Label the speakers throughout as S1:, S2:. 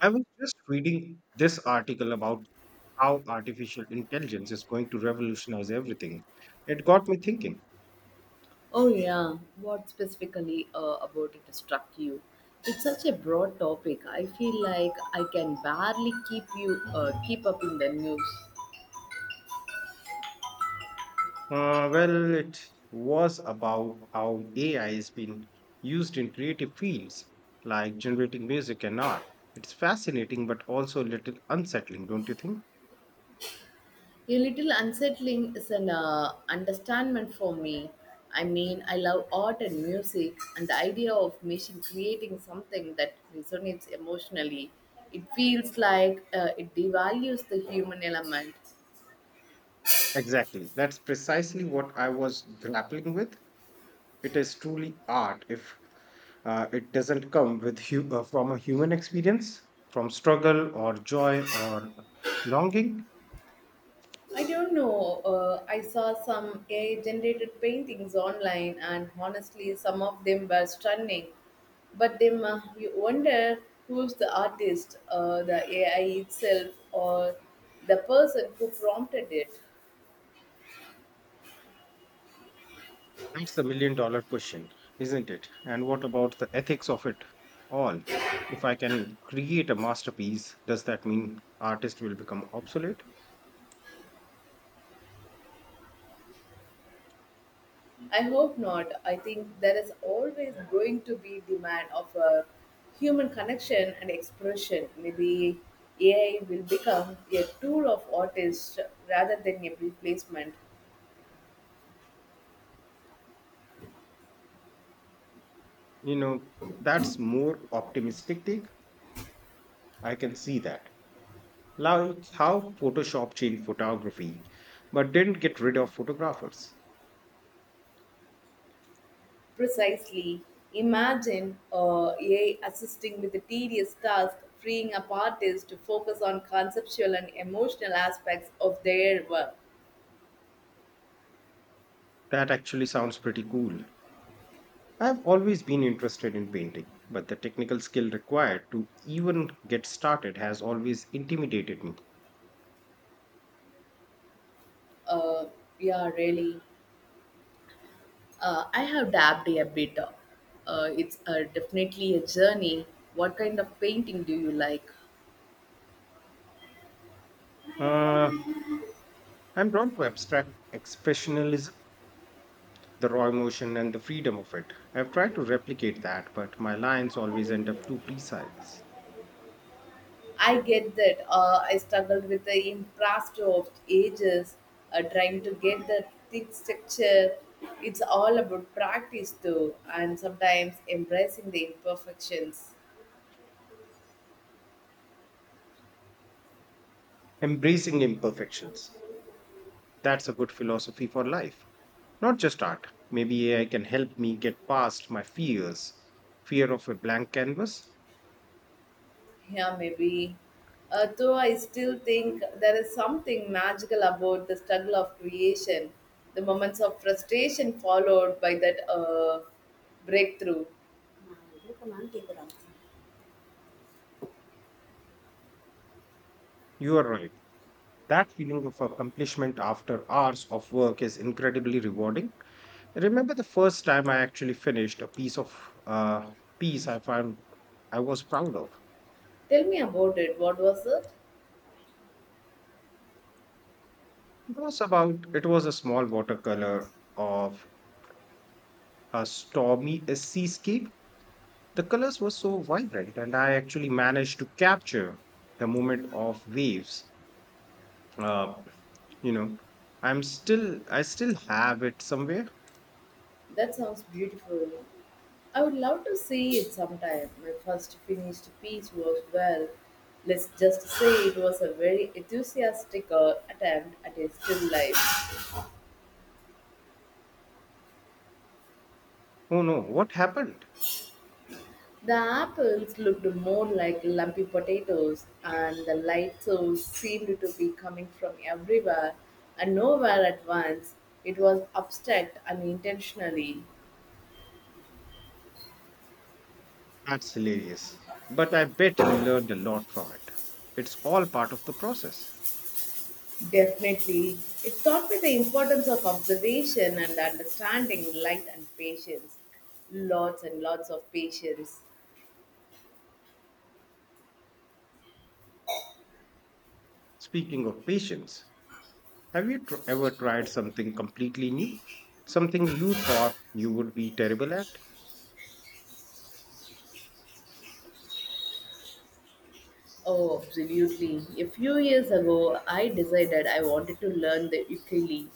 S1: I was just reading this article about how artificial intelligence is going to revolutionize everything. It got me thinking.
S2: Oh, yeah. What specifically about it struck you? It's such a broad topic. I feel like I can barely keep up in the news.
S1: Well, it was about how AI has been used in creative fields like generating music and art. It's fascinating, but also a little unsettling, don't you think?
S2: A little unsettling is an understatement for me. I mean, I love art and music, and the idea of machine creating something that resonates emotionally, it feels like it devalues the human element.
S1: Exactly. That's precisely what I was grappling with. It is truly art if it doesn't come with from a human experience, from struggle or joy or longing.
S2: I don't know. I saw some AI generated paintings online, and honestly, some of them were stunning. But then you wonder who's the artist, the AI itself, or the person who prompted it.
S1: That's the million dollar question, isn't it? And what about the ethics of it all? If I can create a masterpiece, does that mean artist will become obsolete?
S2: I hope not. I think there is always going to be demand of a human connection and expression. Maybe AI will become a tool of artists rather than a replacement.
S1: You know, that's more optimistic take. I can see that. Like how Photoshop changed photography, but didn't get rid of photographers.
S2: Precisely. Imagine AI assisting with the tedious task, freeing up artists to focus on conceptual and emotional aspects of their work.
S1: That actually sounds pretty cool. I've always been interested in painting, but the technical skill required to even get started has always intimidated me.
S2: Uh, yeah, really. I have dabbed a bit. It's definitely a journey. What kind of painting do you like?
S1: Uh, I'm drawn to abstract expressionalism, the raw emotion and the freedom of it. I've tried to replicate that, but my lines always end up too precise.
S2: I get that. I struggled with the impressed of ages, trying to get the thick structure. It's all about practice, though, and sometimes embracing the imperfections.
S1: Embracing imperfections. That's a good philosophy for life, not just art. Maybe AI can help me get past my fears. Fear of a blank canvas?
S2: Yeah, maybe. Though I still think there is something magical about the struggle of creation, the moments of frustration followed by that breakthrough.
S1: You are right. That feeling of accomplishment after hours of work is incredibly rewarding. I remember the first time I actually finished a piece of uh, piece I found I was proud of.
S2: Tell me about it. What was it?
S1: It was a small watercolor of a seascape. The colors were so vibrant, and I actually managed to capture the moment of waves. Uh, you know, I still have it somewhere.
S2: That sounds beautiful. I would love to see it sometime. My first finished piece was, well, let's just say it was a very enthusiastic attempt at a still life.
S1: Oh no, what happened?
S2: The apples looked more like lumpy potatoes, and the light source seemed to be coming from everywhere and nowhere at once. It was abstract unintentionally.
S1: That's hilarious. But I bet you learned a lot from it. It's all part of the process.
S2: Definitely. It taught me the importance of observation and understanding light and patience. Lots and lots of patience.
S1: Speaking of patience, have you ever tried something completely new? Something you thought you would be terrible at?
S2: Oh, absolutely. A few years ago, I decided I wanted to learn the ukulele.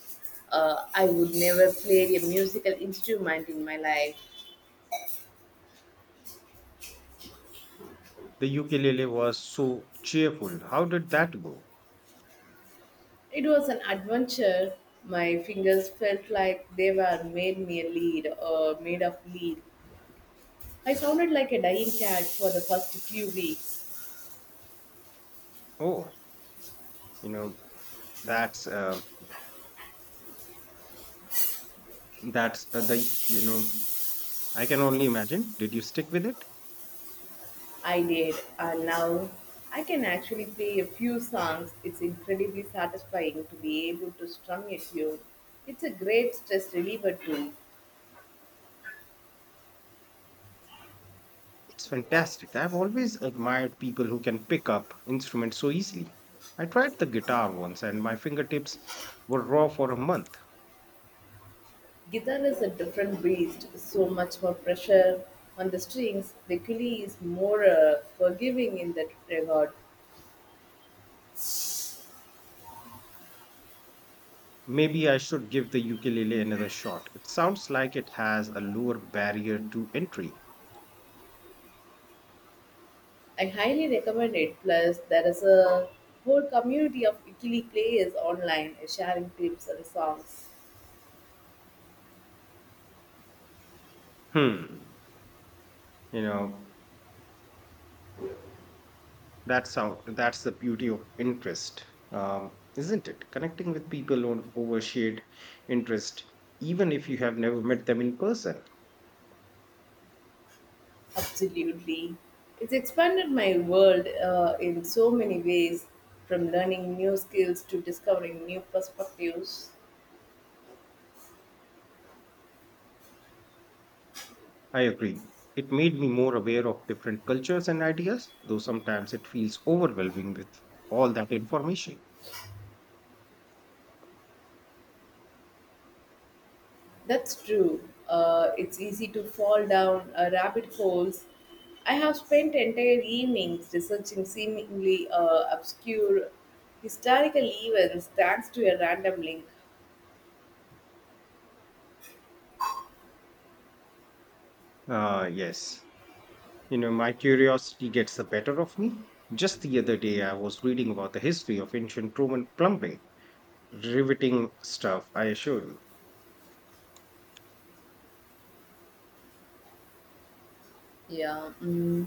S2: I would never play a musical instrument in my life.
S1: The ukulele was so cheerful. How did that go?
S2: It was an adventure. My fingers felt like they were made me a lead or made of lead. I sounded like a dying cat for the first few weeks.
S1: Oh, you know that's uh, that's uh, the you know I can only imagine. Did you stick with it?
S2: I did, and now I can actually play a few songs. It's incredibly satisfying to be able to strum a tune. It's a great stress reliever too.
S1: It's fantastic. I've always admired people who can pick up instruments so easily. I tried the guitar once and my fingertips were raw for a month.
S2: Guitar is a different beast, so much more pressure on the strings. The Kili is more forgiving in that regard.
S1: Maybe I should give the ukulele another shot. It sounds like it has a lower barrier to entry.
S2: I highly recommend it. Plus, there is a whole community of Kili players online, sharing tips and songs.
S1: Hmm. You know, That's how. That's the beauty of interest, isn't it? Connecting with people on over shared interest, even if you have never met them in person.
S2: Absolutely. It's expanded my world in so many ways, from learning new skills to discovering new perspectives.
S1: I agree. It made me more aware of different cultures and ideas, though sometimes it feels overwhelming with all that information.
S2: That's true. It's easy to fall down rabbit holes. I have spent entire evenings researching seemingly obscure historical events thanks to a random link.
S1: Ah, yes. You know, my curiosity gets the better of me. Just the other day, I was reading about the history of ancient Roman plumbing. Riveting stuff, I assure you.
S2: Yeah, mm.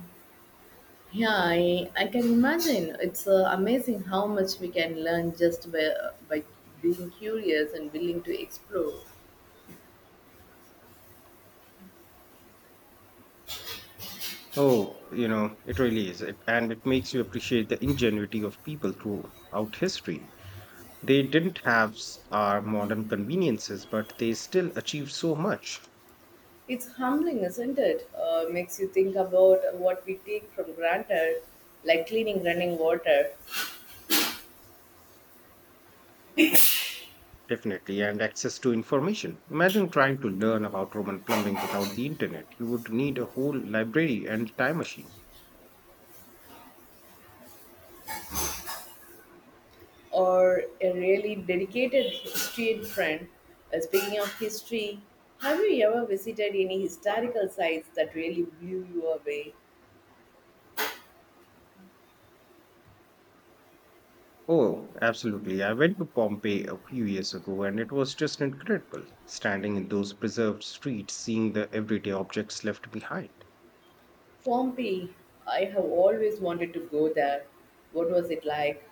S2: Yeah, I can imagine. It's amazing how much we can learn just by being curious and willing to explore.
S1: Oh, you know, it really is. And it makes you appreciate the ingenuity of people throughout history. They didn't have our modern conveniences, but they still achieved so much.
S2: It's humbling, isn't it? Makes you think about what we take from granted, like cleaning running water,
S1: Definitely, and access to information. Imagine trying to learn about Roman plumbing without the internet. You would need a whole library and time machine.
S2: or a really dedicated street friend. Speaking of history, have you ever visited any historical sites that really blew you away?
S1: Oh, absolutely. I went to Pompeii a few years ago and it was just incredible standing in those preserved streets, seeing the everyday objects left behind.
S2: Pompeii, I have always wanted to go there. What was it like?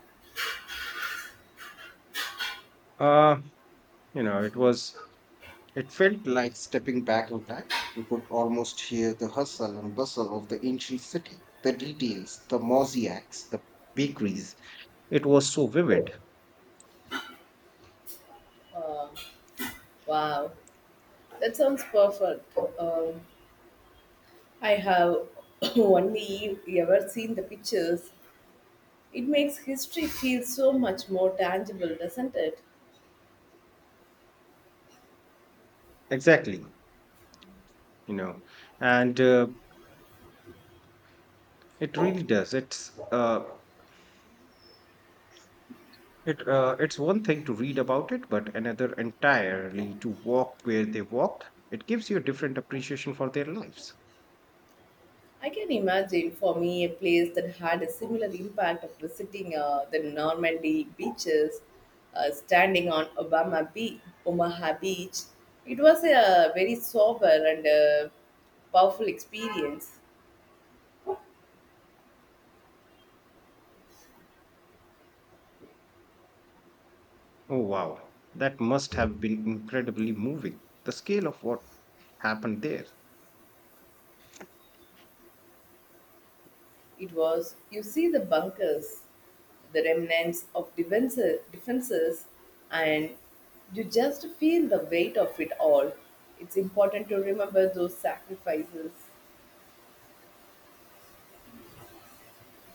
S1: Uh, you know, it was, it felt like stepping back in time. You could almost hear the hustle and bustle of the ancient city, the details, the mosaics, the bakeries. It was so vivid.
S2: Wow, that sounds perfect. I have only ever seen the pictures. It makes history feel so much more tangible, doesn't it?
S1: Exactly. You know, and it really does. It's one thing to read about it, but another entirely to walk where they walked. It gives you a different appreciation for their lives.
S2: I can imagine for me a place that had a similar impact of visiting the Normandy beaches, standing on Obama Beach, Omaha Beach. It was a very sober and powerful experience.
S1: Oh, wow. That must have been incredibly moving. The scale of what happened there.
S2: It was, you see, the bunkers, the remnants of defenses, defenses, and you just feel the weight of it all. It's important to remember those sacrifices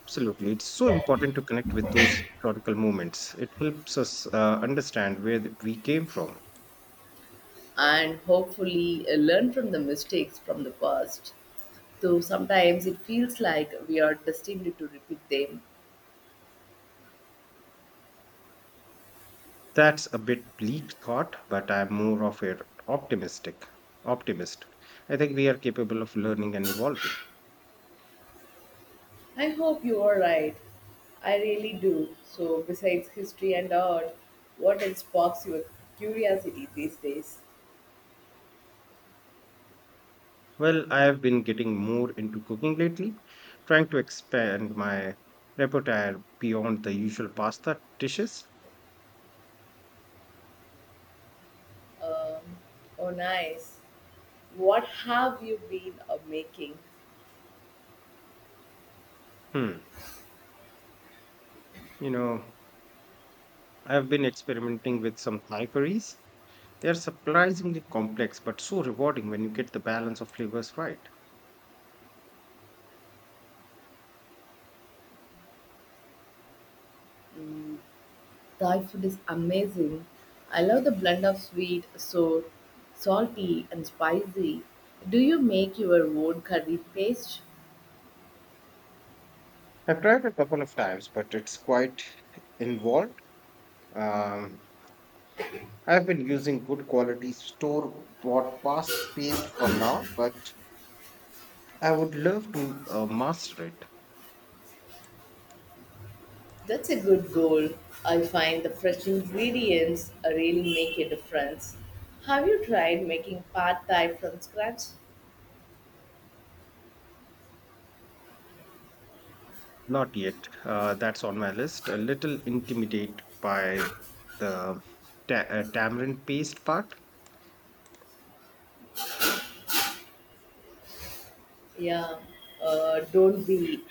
S1: Absolutely. It's so important to connect with those historical moments. It helps us understand where we came from.
S2: and hopefully learn from the mistakes from the past. Though sometimes it feels like we are destined to repeat them.
S1: That's a bit bleak thought, but I'm more of an optimistic optimist. I think we are capable of learning and evolving.
S2: I hope you are right. I really do. So, besides history and art, what else sparks your curiosity these days?
S1: Well, I have been getting more into cooking lately, trying to expand my repertoire beyond the usual pasta dishes.
S2: Oh, nice. What have you been making?
S1: Hmm. You know, I've been experimenting with some Thai curries. They're surprisingly complex, but so rewarding when you get the balance of flavors right.
S2: Thai food is amazing. I love the blend of sweet, sour, salty, and spicy. Do you make your own curry paste?
S1: I've tried a couple of times, but it's quite involved. Um, I've been using good quality store bought paste for now, but I would love to master it.
S2: That's a good goal. I find the fresh ingredients really make a difference. Have you tried making pad thai from scratch?
S1: Not yet. That's on my list. A little intimidated by the ta tamarind paste part.
S2: Yeah, don't be.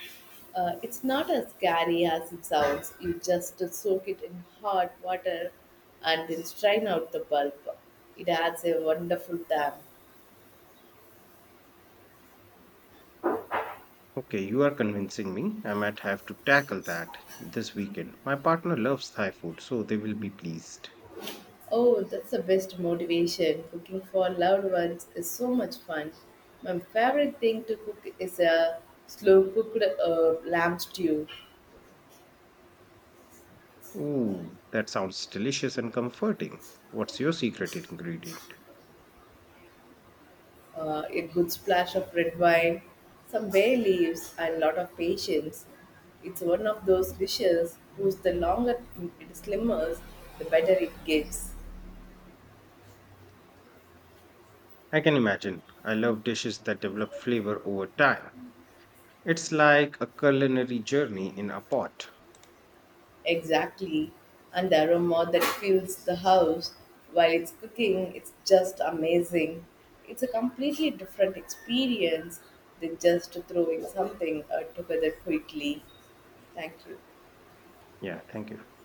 S2: It's not as scary as it sounds. You just soak it in hot water and then strain out the pulp. It adds a wonderful tang.
S1: Okay, you are convincing me. I might have to tackle that this weekend. My partner loves Thai food, so they will be pleased.
S2: Oh, that's the best motivation. Cooking for loved ones is so much fun. My favorite thing to cook is a slow cooked lamb stew.
S1: Ooh, that sounds delicious and comforting. What's your secret ingredient?
S2: A good splash of red wine, some bay leaves, and lot of patience. It's one of those dishes whose the longer it simmers, the better it gets.
S1: I can imagine. I love dishes that develop flavor over time. It's like a culinary journey in a pot.
S2: Exactly, and the aroma that fills the house while it's cooking, it's just amazing. It's a completely different experience than just throwing something together quickly. Thank you.
S1: Yeah, thank you.